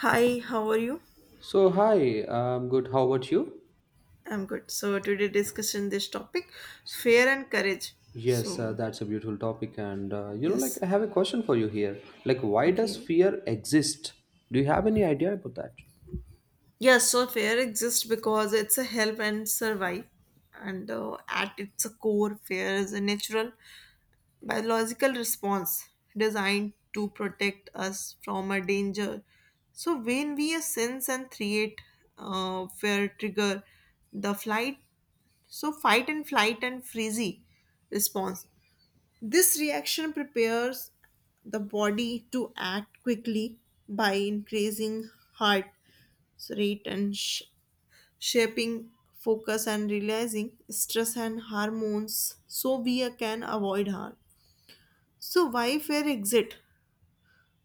Hi, how are you? So, hi, I'm good. How about you? I'm good. So today discussion this topic, fear and courage. Yes, So that's a beautiful topic. And, you know, like, yes, I have a question for you here. Like, why does okay. fear exist? Do you have any idea about that? Yes, so fear exists because it's a help and survive, and at its core, fear is a natural biological response designed to protect us from a danger. So when we sense and create fear trigger the flight, so fight and flight and freeze response. This reaction prepares the body to act quickly by increasing heart rate and shaping focus and releasing stress and hormones so we can avoid harm. So why fair exit?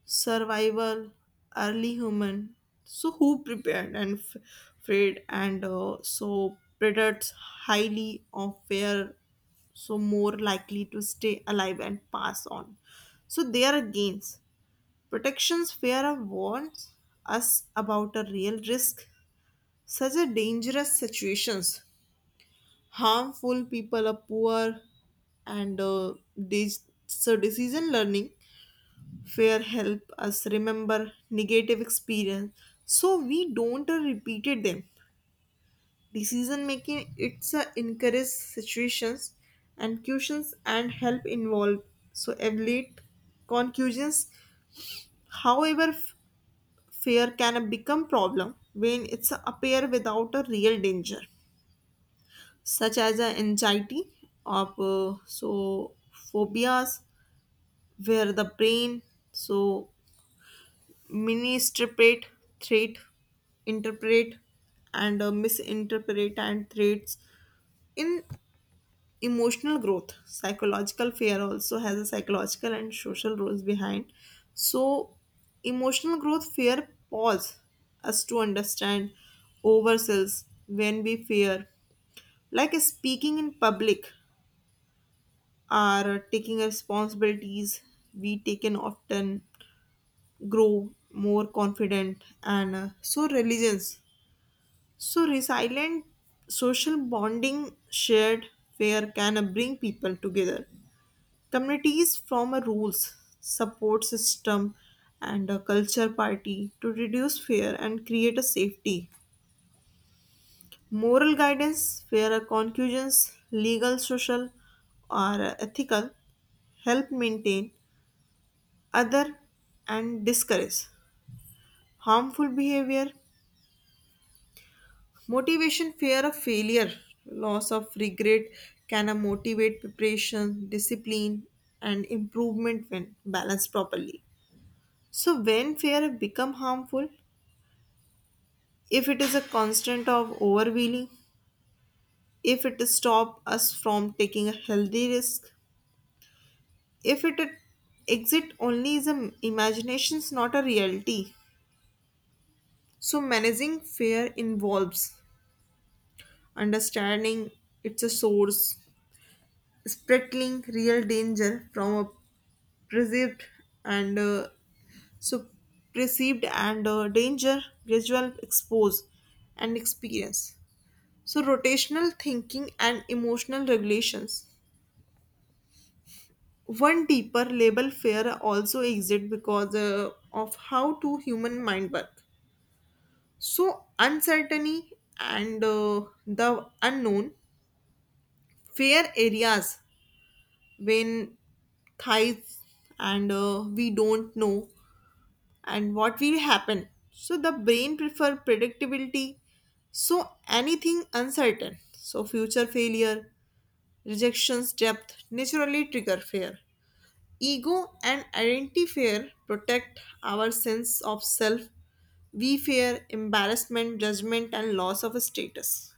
Survival, early human. So who prepared and afraid and so predators highly of fair so more likely to stay alive and pass on. So there are gains. Protection's fear warns us about a real risk, such as dangerous situations, harmful people are poor, and these so decision learning fear help us remember negative experience so we don't repeated them. Decision making it's a encourage situations and questions and help involve so evaluate conclusions. However, fear can become problem when it's appear without a real danger, such as a anxiety of phobias where the brain so misinterpret threat interpret and misinterpret and threats in emotional growth psychological fear also has a psychological and social roles behind so emotional growth fear pause us to understand ourselves when we fear, like speaking in public or taking responsibilities we taken often grow more confident and so religions so resilient social bonding shared fear can bring people together. Communities form a rules, support system, and a culture party to reduce fear and create a safety. Moral guidance, where a conclusions, legal, social, or ethical, help maintain other and discourage harmful behavior. Motivation, fear of failure, loss of regret can motivate preparation, discipline, and improvement when balanced properly. So when fear have become harmful, if it is a constant of overwhelming, if it stop us from taking a healthy risk, if it exit only is a imaginations not a reality. So managing fear involves understanding it's a source, spreading real danger from a perceived and so perceived and danger gradual expose and experience. So, rotational thinking and emotional regulations. One deeper label fear also exists because of how two human mind work. So, uncertainty and the unknown, fair areas when thighs and we don't know and what will happen. So, the brain prefer predictability. So, anything uncertain. So, future failure. Rejection's depth naturally trigger fear. Ego and identity fear protect our sense of self. We fear embarrassment, judgment, and loss of status.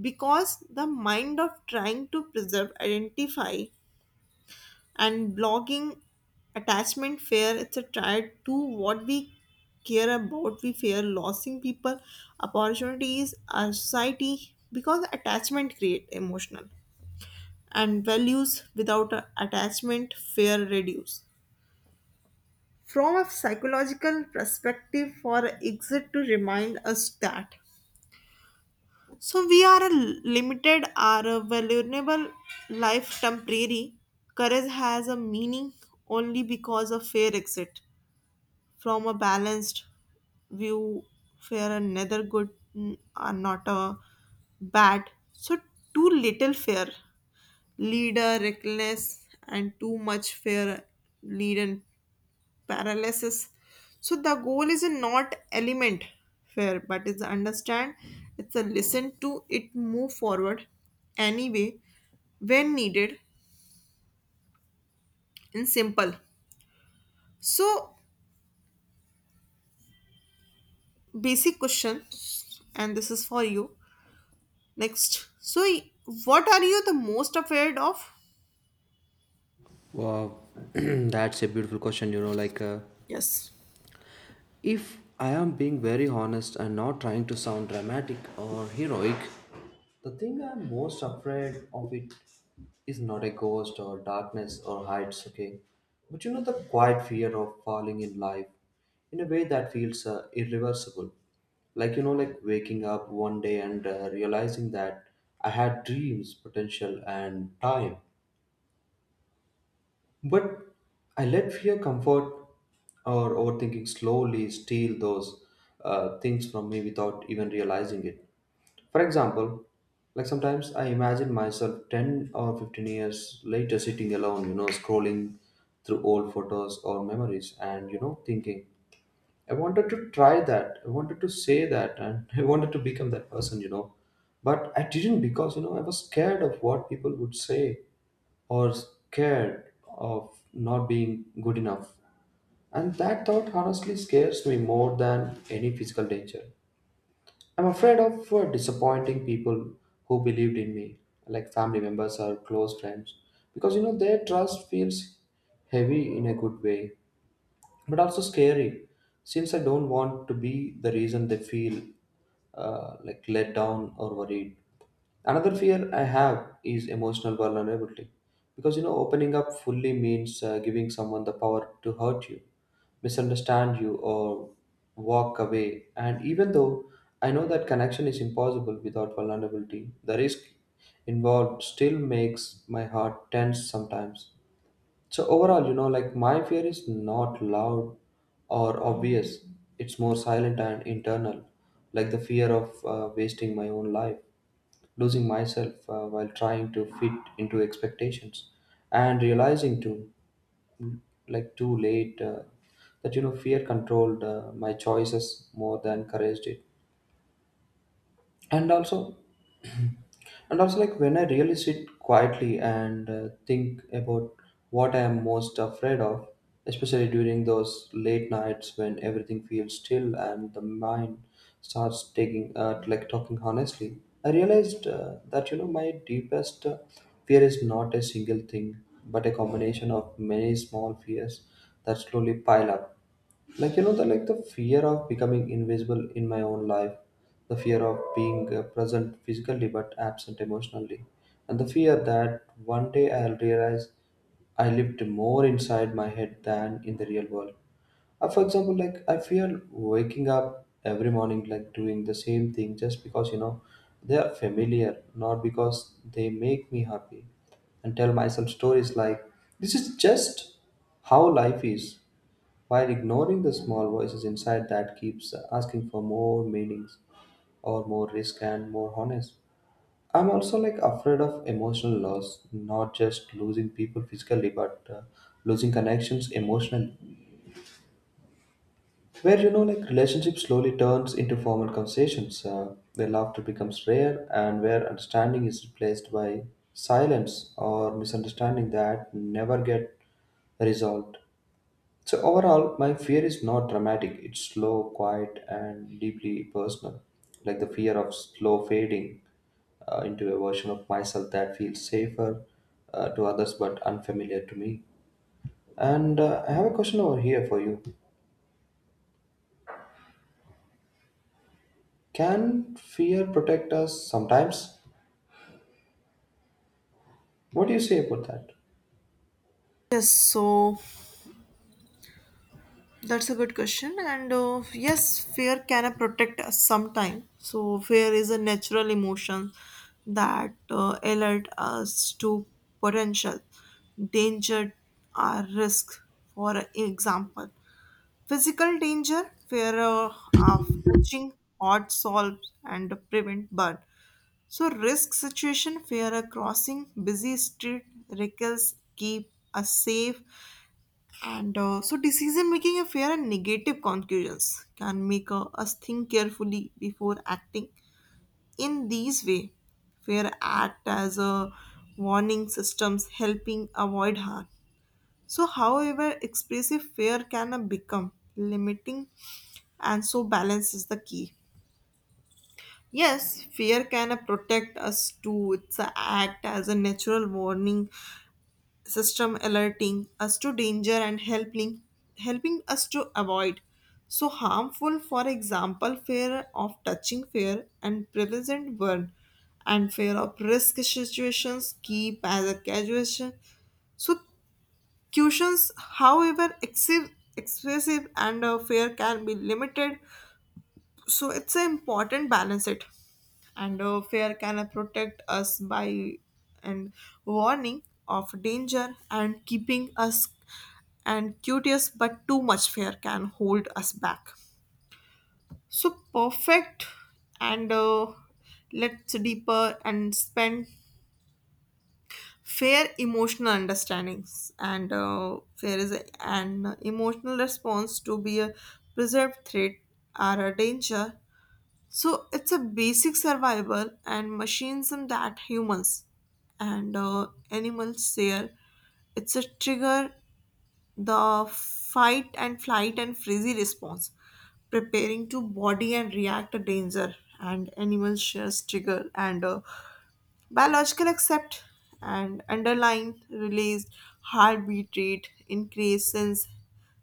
Because the mind of trying to preserve, identify, and blogging attachment fear, it's a try to what we care about. We fear losing people, opportunities, our society, because attachment create emotional and values without attachment fear reduce. From a psychological perspective, for exit to remind us that. So we are a limited or a vulnerable life temporary. Courage has a meaning only because of fair exit. From a balanced view, fair and neither good are not a bad. So too little fair leader reckless and too much fear lead and paralysis so the goal is not element fear but it's understand it's a listen to it move forward anyway when needed in simple so basic question and this is for you next so what are you the most afraid of. Wow, that's a beautiful question. You know, like, yes if I am being very honest and not trying to sound dramatic or heroic, the thing I'm most afraid of it is not a ghost or darkness or heights, okay? But you know the quiet fear of falling in life in a way that feels irreversible. Like, you know, like waking up one day and realizing that I had dreams, potential, and time, but I let fear, comfort, or overthinking slowly steal those things from me without even realizing it. For example, like sometimes I imagine myself 10 or 15 years later sitting alone, you know, scrolling through old photos or memories and, you know, thinking, I wanted to try that, I wanted to say that, and I wanted to become that person, you know. But I didn't because, you know, I was scared of what people would say or scared of not being good enough. And that thought honestly scares me more than any physical danger. I'm afraid of disappointing people who believed in me, like family members or close friends, because you know their trust feels heavy in a good way, but also scary, since I don't want to be the reason they feel like let down or worried. Another fear I have is emotional vulnerability. Because you know, opening up fully means giving someone the power to hurt you, misunderstand you, or walk away. And even though I know that connection is impossible without vulnerability, the risk involved still makes my heart tense sometimes. So, overall, you know, like my fear is not loud or obvious, it's more silent and internal, like the fear of wasting my own life, losing myself while trying to fit into expectations, and realizing too late, that you know fear controlled my choices more than courage did. And also and also like when I really sit quietly and think about what I am most afraid of, especially during those late nights when everything feels still and the mind starts taking, like talking honestly, I realized that you know my deepest fear is not a single thing but a combination of many small fears that slowly pile up, like you know the fear of becoming invisible in my own life, the fear of being present physically but absent emotionally, and the fear that one day I'll realize I lived more inside my head than in the real world. For example, like I fear waking up every morning, like doing the same thing just because you know they are familiar, not because they make me happy, and tell myself stories like this is just how life is, while ignoring the small voices inside that keeps asking for more meanings or more risk and more honest. I'm also like afraid of emotional loss, not just losing people physically, but losing connections emotionally, where you know like relationship slowly turns into formal conversations, where laughter becomes rare and where understanding is replaced by silence or misunderstanding that never get resolved. So overall, my fear is not dramatic. It's slow, quiet, and deeply personal, like the fear of slow fading into a version of myself that feels safer to others but unfamiliar to me. And I have a question over here for you. Can fear protect us sometimes? What do you say about that? yes so that's a good question. And yes, fear can protect us sometime. So fear is a natural emotion that alert us to potential danger or risk. For example, physical danger, fear of touching hot salts and prevent burn. So risk situation, fear of crossing busy street, reckless keep us safe and so, decision making affair and negative conclusions can make us think carefully before acting. In these way, fear act as a warning systems helping avoid harm. So, however, expressive fear can become limiting, and so balance is the key. Yes, fear can protect us too. It's a act as a natural warning system alerting us to danger and helping us to avoid so harmful. For example, fear of touching fear and present burn and fear of risk situations keep as a casuation, so cushions. However, excessive excessive and fear can be limited so it's an important balance it and fear can protect us by and warning of danger and keeping us and curious, but too much fear can hold us back. So perfect and let's deeper and spend fair emotional understandings and fair is an emotional response to be a preserved threat or a danger. So it's a basic survival and machines that humans and animals share. It's a trigger the fight and flight and frizzy response, preparing to body and react to danger, and animal shares trigger and biological accept and underlying release, heartbeat rate, increase sense,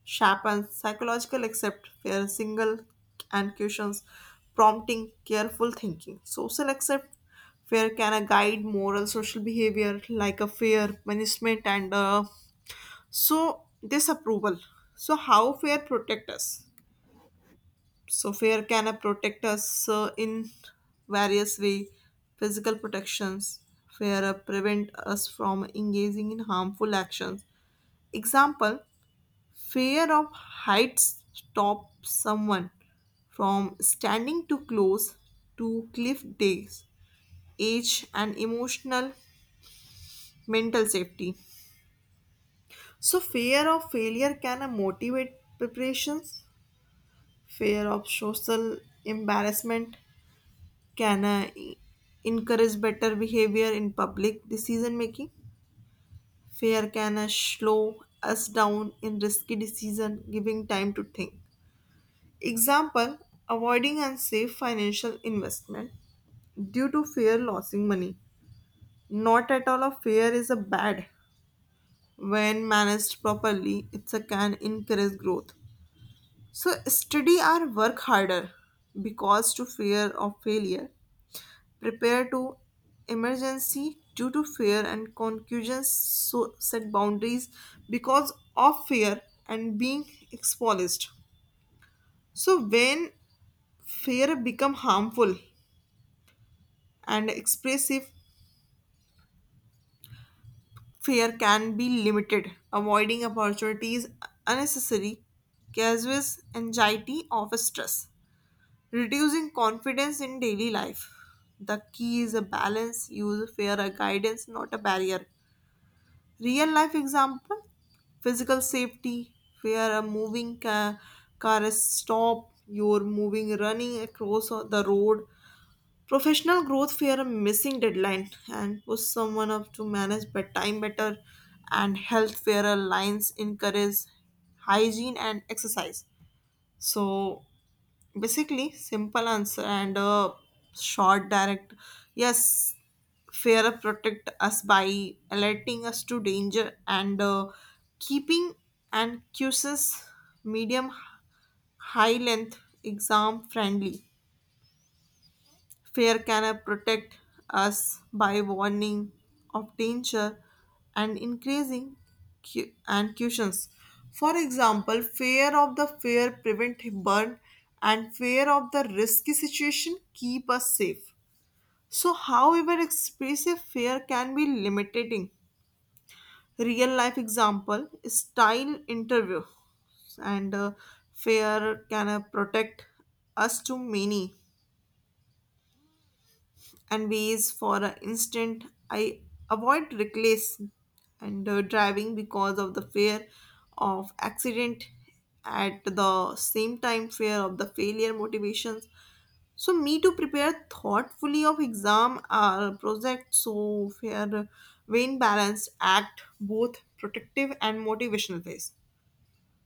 sharpens psychological accept, fear single and cushions, prompting careful thinking. Social accept fear can guide moral social behavior like a fear, punishment, and so disapproval. So how fear protect us? So fear can protect us in various way. Physical protections. Fear prevent us from engaging in harmful actions. Example: fear of heights stop someone from standing too close to cliff days, age and emotional mental safety. So fear of failure can motivate preparations. Fear of social embarrassment can encourage better behavior in public decision making. Fear can slow us down in risky decision, giving time to think. Example, avoiding unsafe financial investment due to fear losing money. Not at all a fear is a bad. When managed properly, it can encourage growth. So study or work harder because to fear of failure prepare to emergency due to fear and confusion so set boundaries because of fear and being exposed. So when fear become harmful and expressive fear can be limited avoiding opportunities unnecessary causes anxiety of stress reducing confidence in daily life, the key is a balance use fear a guidance not a barrier. Real life example, physical safety, where a car is stopped, you're moving, running across the road. Professional growth, fear a missing deadline and push someone up to manage but time better. And health, where a lines encourage hygiene and exercise. So, basically simple answer and a short direct yes, fear protect us by alerting us to danger and keeping and cuses medium high length exam friendly. Fear can protect us by warning of danger and increasing cu- and cautions. For example, fear of the fear prevent burn and fear of the risky situation keep us safe. So, however, expressive fear can be limiting. Real life example style interview and fear can protect us to many and ways for an instant I avoid reckless and driving because of the fear of accident. At the same time fear of the failure motivations so me to prepare thoughtfully of exam or project so fair vein balanced act both protective and motivational phase.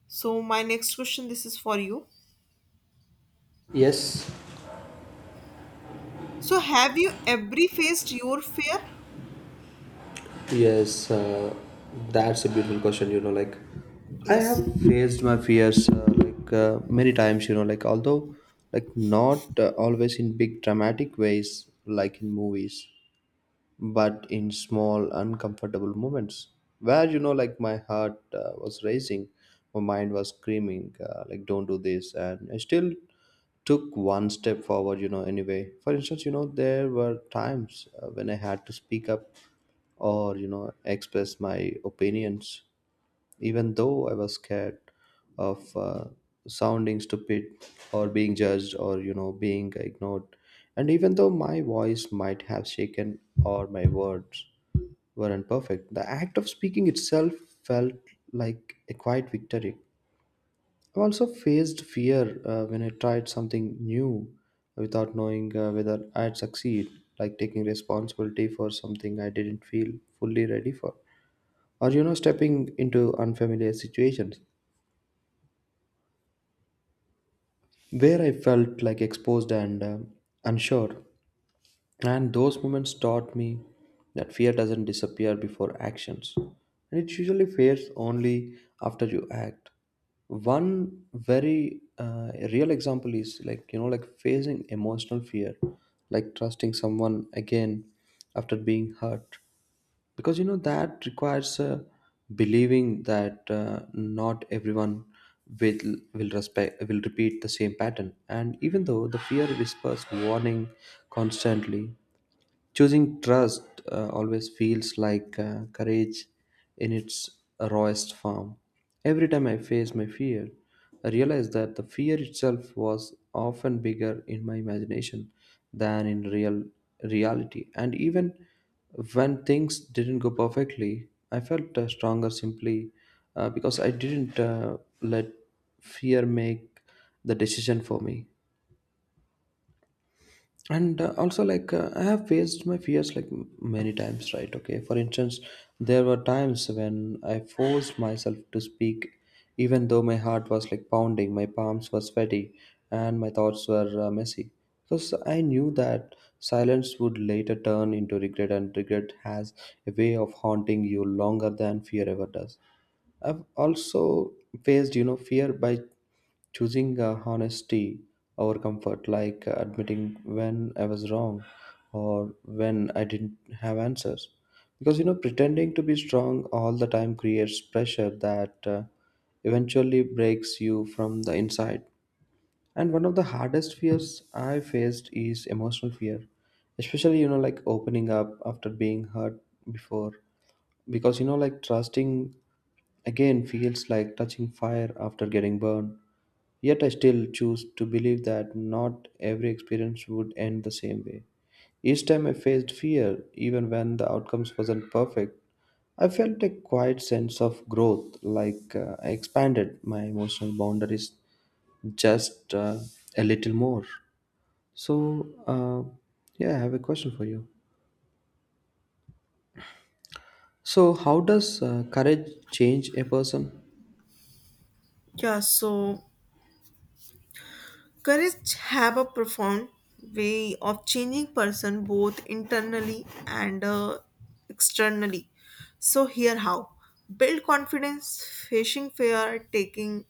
So my next question this is for you, Yes. so have you ever faced your fear. Yes, that's a beautiful question. You know, like I have yes faced my fears like many times. You know, like although like not always in big dramatic ways, like in movies, but in small uncomfortable moments where you know, like my heart was racing, my mind was screaming, like don't do this, and I still took one step forward. You know, anyway. For instance, you know, there were times when I had to speak up or you know express my opinions, even though I was scared of sounding stupid or being judged or you know being ignored. And even though my voice might have shaken or my words weren't perfect, the act of speaking itself felt like a quiet victory. I also faced fear when I tried something new without knowing whether I'd succeed, like taking responsibility for something I didn't feel fully ready for, or you know stepping into unfamiliar situations where I felt like exposed and unsure. And those moments taught me that fear doesn't disappear before actions, and it usually fades only after you act. One very real example is like you know like facing emotional fear, like trusting someone again after being hurt, because you know that requires believing that not everyone will will repeat the same pattern. And even though the fear whispers warning constantly, choosing trust always feels like courage in its rawest form. Every time I face my fear, I realize that the fear itself was often bigger in my imagination than in real reality. And even when things didn't go perfectly, I felt stronger simply because I didn't let fear make the decision for me. And also like I have faced my fears like many times, right? Okay, for instance, there were times when I forced myself to speak even though my heart was like pounding, my palms were sweaty, and my thoughts were messy, because I knew that silence would later turn into regret, and regret has a way of haunting you longer than fear ever does. I've also faced, you know, fear by choosing honesty over comfort, like admitting when I was wrong or when I didn't have answers. Because, you know, pretending to be strong all the time creates pressure that eventually breaks you from the inside. And one of the hardest fears I faced is emotional fear, especially, you know, like opening up after being hurt before. Because, you know, like trusting again, feels like touching fire after getting burned. Yet I still choose to believe that not every experience would end the same way. Each time I faced fear, even when the outcomes wasn't perfect, I felt a quiet sense of growth, like I expanded my emotional boundaries just a little more. So, yeah, I have a question for you. So, how does courage change a person? yeah, so courage have a profound way of changing person both internally and externally. So here how build confidence, facing fear, taking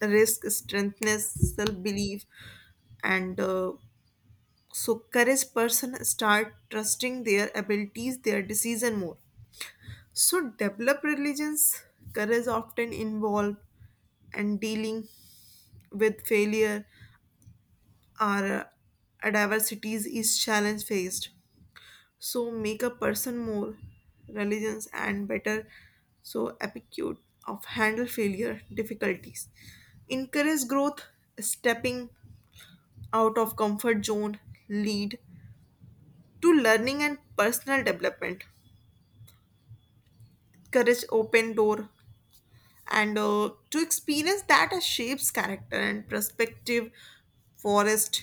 risk, strengthness, self belief, and so courage person start trusting their abilities, their decision more. So develop religions. Courage often involve and dealing with failure. Our diversities is challenge faced so make a person more religious and better so aptitude of handle failure difficulties encourage growth stepping out of comfort zone lead to learning and personal development courage open door and to experience that as shapes character and perspective forest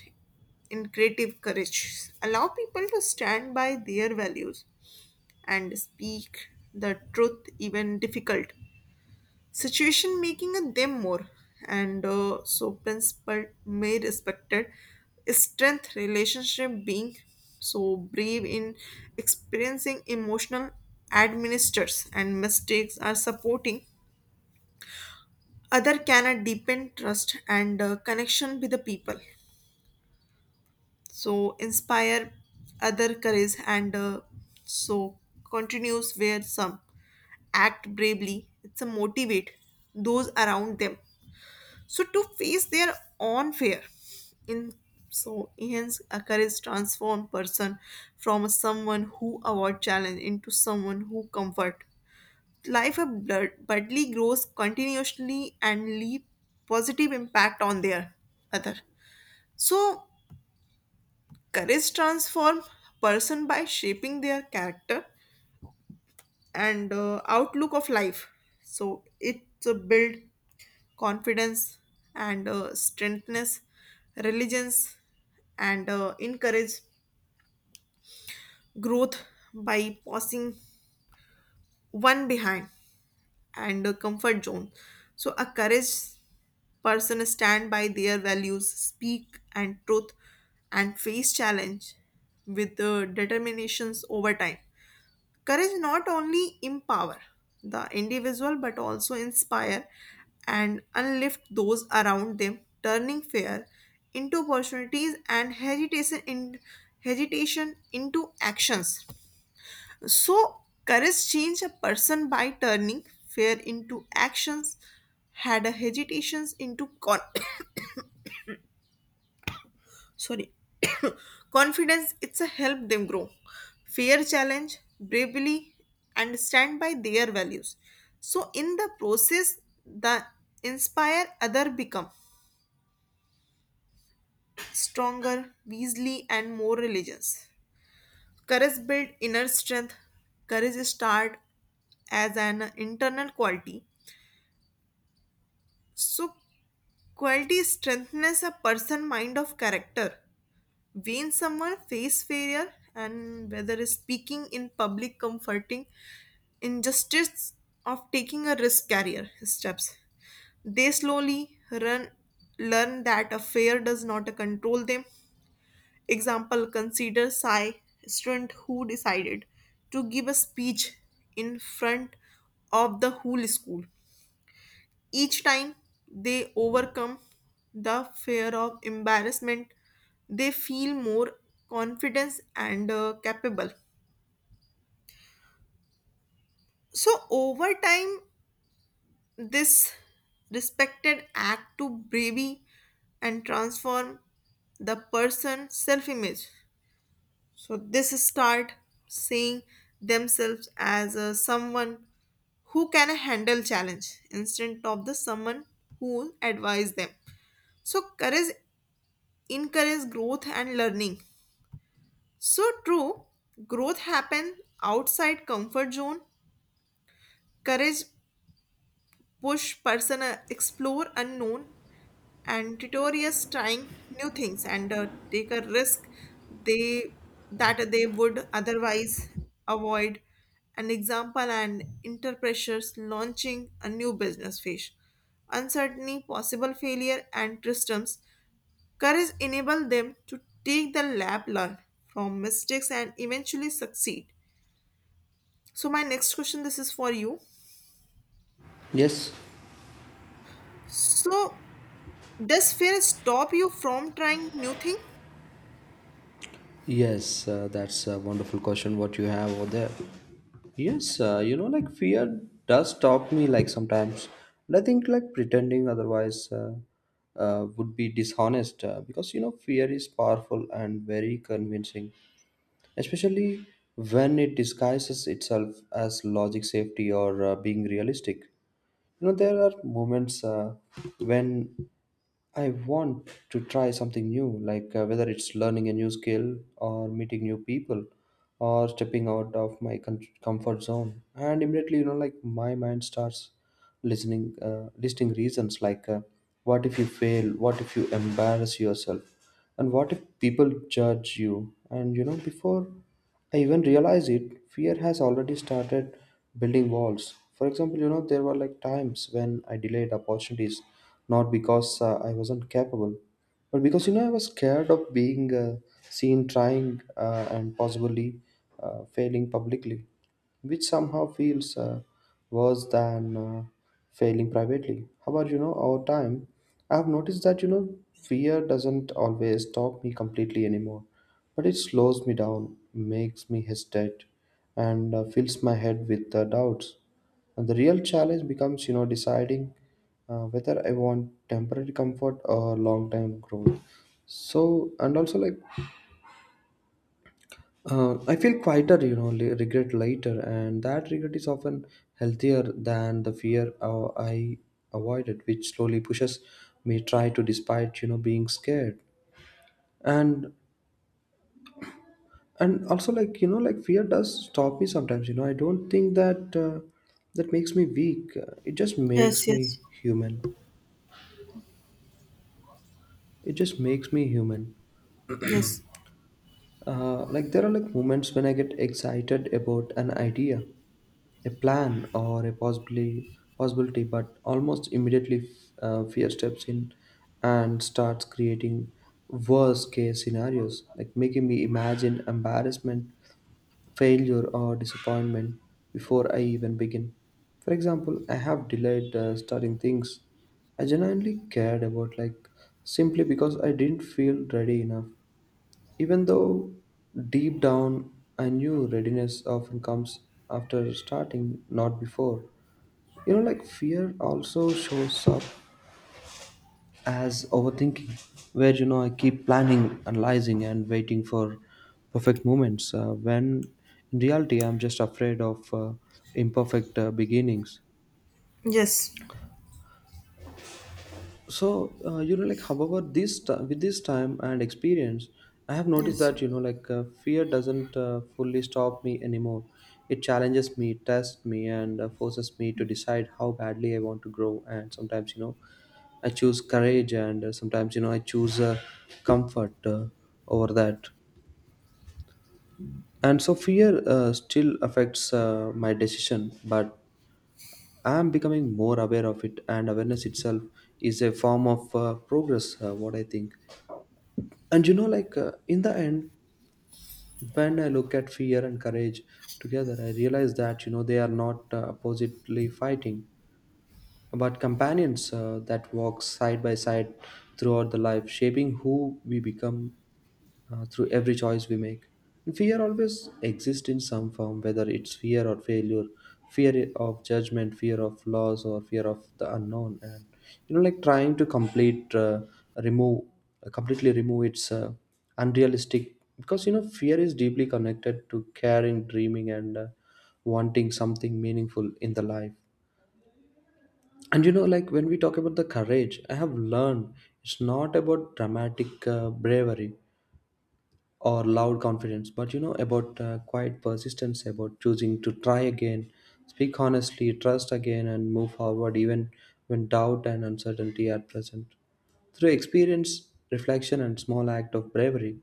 in creative courage allow people to stand by their values and speak the truth even difficult situation making them more and so principle may respected strength relationship being so brave in experiencing emotional administers and mistakes are supporting other cannot deepen trust and connection with the people so inspire other courage and so continues where some act bravely it's a motivate those around them so to face their own fear in so hence a courage transform person from someone who avoid challenge into someone who comfort life of Budley grows continuously and leave positive impact on their other. So courage transform person by shaping their character and outlook of life. So it build confidence and strengthness, religions and encourage growth by passing one behind and a comfort zone. So a courage person stand by their values, speak and truth, and face challenge with determinations over time. Courage not only empower the individual but also inspire and unlift those around them, turning fear into opportunities and hesitation into actions. So courage change a person by turning fear into actions, had a sorry confidence it's a help them grow. Fear challenge bravely and stand by their values so in the process the inspire other become stronger wisely and more religious. Courage build inner strength. Courage start as an internal quality so quality strengthens a person mind of character. When someone face failure and whether is speaking in public comforting injustice of taking a risk carrier steps, they slowly run learn that a fear does not control them. Example, consider Sai student who decided to give a speech in front of the whole school. Each time they overcome the fear of embarrassment, they feel more confidence and capable. So, over time, this respected act to bravery and transform the person's self image. So, this start seeing themselves as someone who can handle challenge instead of the someone who advise them so courage encourage growth and learning. So true, growth happen outside comfort zone. Courage push person explore unknown and tutorials trying new things and take a risk they that they would otherwise avoid. An example and inter pressures launching a new business phase, uncertainty, possible failure, and systems. Courage enables them to take the lab, learn from mistakes, and eventually succeed. So, my next question this is for you. Yes. So, does fear stop you from trying new thing? Yes, that's a wonderful question what you have over there. Yes, you know, like fear does stop me like sometimes. And I think like pretending otherwise, would be dishonest, because you know fear is powerful and very convincing, especially when it disguises itself as logic, safety, or being realistic. You know, there are moments when I want to try something new, like whether it's learning a new skill or meeting new people or stepping out of my comfort zone. And immediately, you know, like my mind starts listening listing reasons like what if you fail, what if you embarrass yourself, and what if people judge you. And you know, before I even realize it, fear has already started building walls. For example, you know there were like times when I delayed opportunities, not because I wasn't capable, but because you know I was scared of being seen trying, and possibly failing publicly, which somehow feels worse than failing privately. However, you know, over time, I have noticed that, you know, fear doesn't always stop me completely anymore, but it slows me down, makes me hesitate, and fills my head with doubts. And the real challenge becomes, you know, deciding whether I want temporary comfort or long term growth. So, and also like I feel quieter, you know, regret later, and that regret is often healthier than the fear I avoided, which slowly pushes me try to, despite you know being scared, and and also like you know like fear does stop me sometimes. You know, I don't think that that makes me weak. It just makes Yes, me yes, human. It just makes me human. yes, Like there are like moments when I get excited about an idea, a plan, or a possibly possibility, but almost immediately, fear steps in and starts creating worst case scenarios, like making me imagine embarrassment, failure, or disappointment before I even begin. For example, I have delayed starting things I genuinely cared about, like simply because I didn't feel ready enough, even though deep down I knew readiness often comes after starting, not before. You know, like fear also shows up as overthinking, where you know I keep planning, analyzing, and waiting for perfect moments. When in reality, I'm just afraid of imperfect beginnings. yes, So you know like however with this time and experience, I have noticed yes, that yes, you know like fear doesn't fully stop me anymore, it challenges me, tests me, and forces me to decide how badly I want to grow. And sometimes you know I choose courage, and sometimes you know I choose comfort over that. And so fear still affects my decision, but I am becoming more aware of it, and awareness itself is a form of progress, what I think. And you know like in the end, when I look at fear and courage together, I realize that you know they are not oppositely fighting, but companions that walk side by side throughout the life, shaping who we become through every choice we make. And fear always exists in some form, whether it's fear or failure, fear of judgment, fear of loss, or fear of the unknown. And you know, like trying to remove, completely remove its unrealistic, because you know fear is deeply connected to caring, dreaming, and wanting something meaningful in the life. And you know, like when we talk about the courage, I have learned it's not about dramatic bravery or loud confidence, but you know about quiet persistence, about choosing to try again, speak honestly, trust again, and move forward even when doubt and uncertainty are present. Through experience, reflection, and small act of bravery,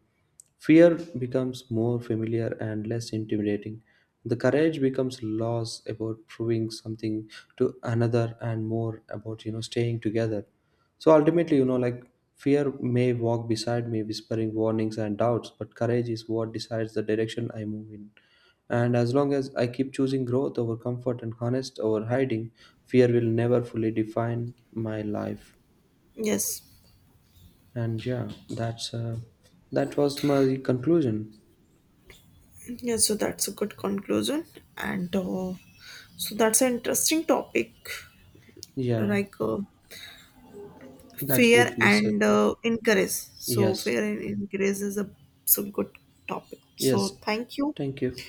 fear becomes more familiar and less intimidating. The courage becomes loss about proving something to another, and more about you know staying together. So ultimately, you know, like fear may walk beside me, whispering warnings and doubts, but courage is what decides the direction I move in. And as long as I keep choosing growth over comfort and honest over hiding, fear will never fully define my life. yes. And yeah, that's that was my conclusion. Yes. So, that's a good conclusion. And so, that's an interesting topic Yeah, like that's fear beautifully said. and encourage. So, Yes, fear and encourage is a so good topic. So, yes. thank you. Thank you.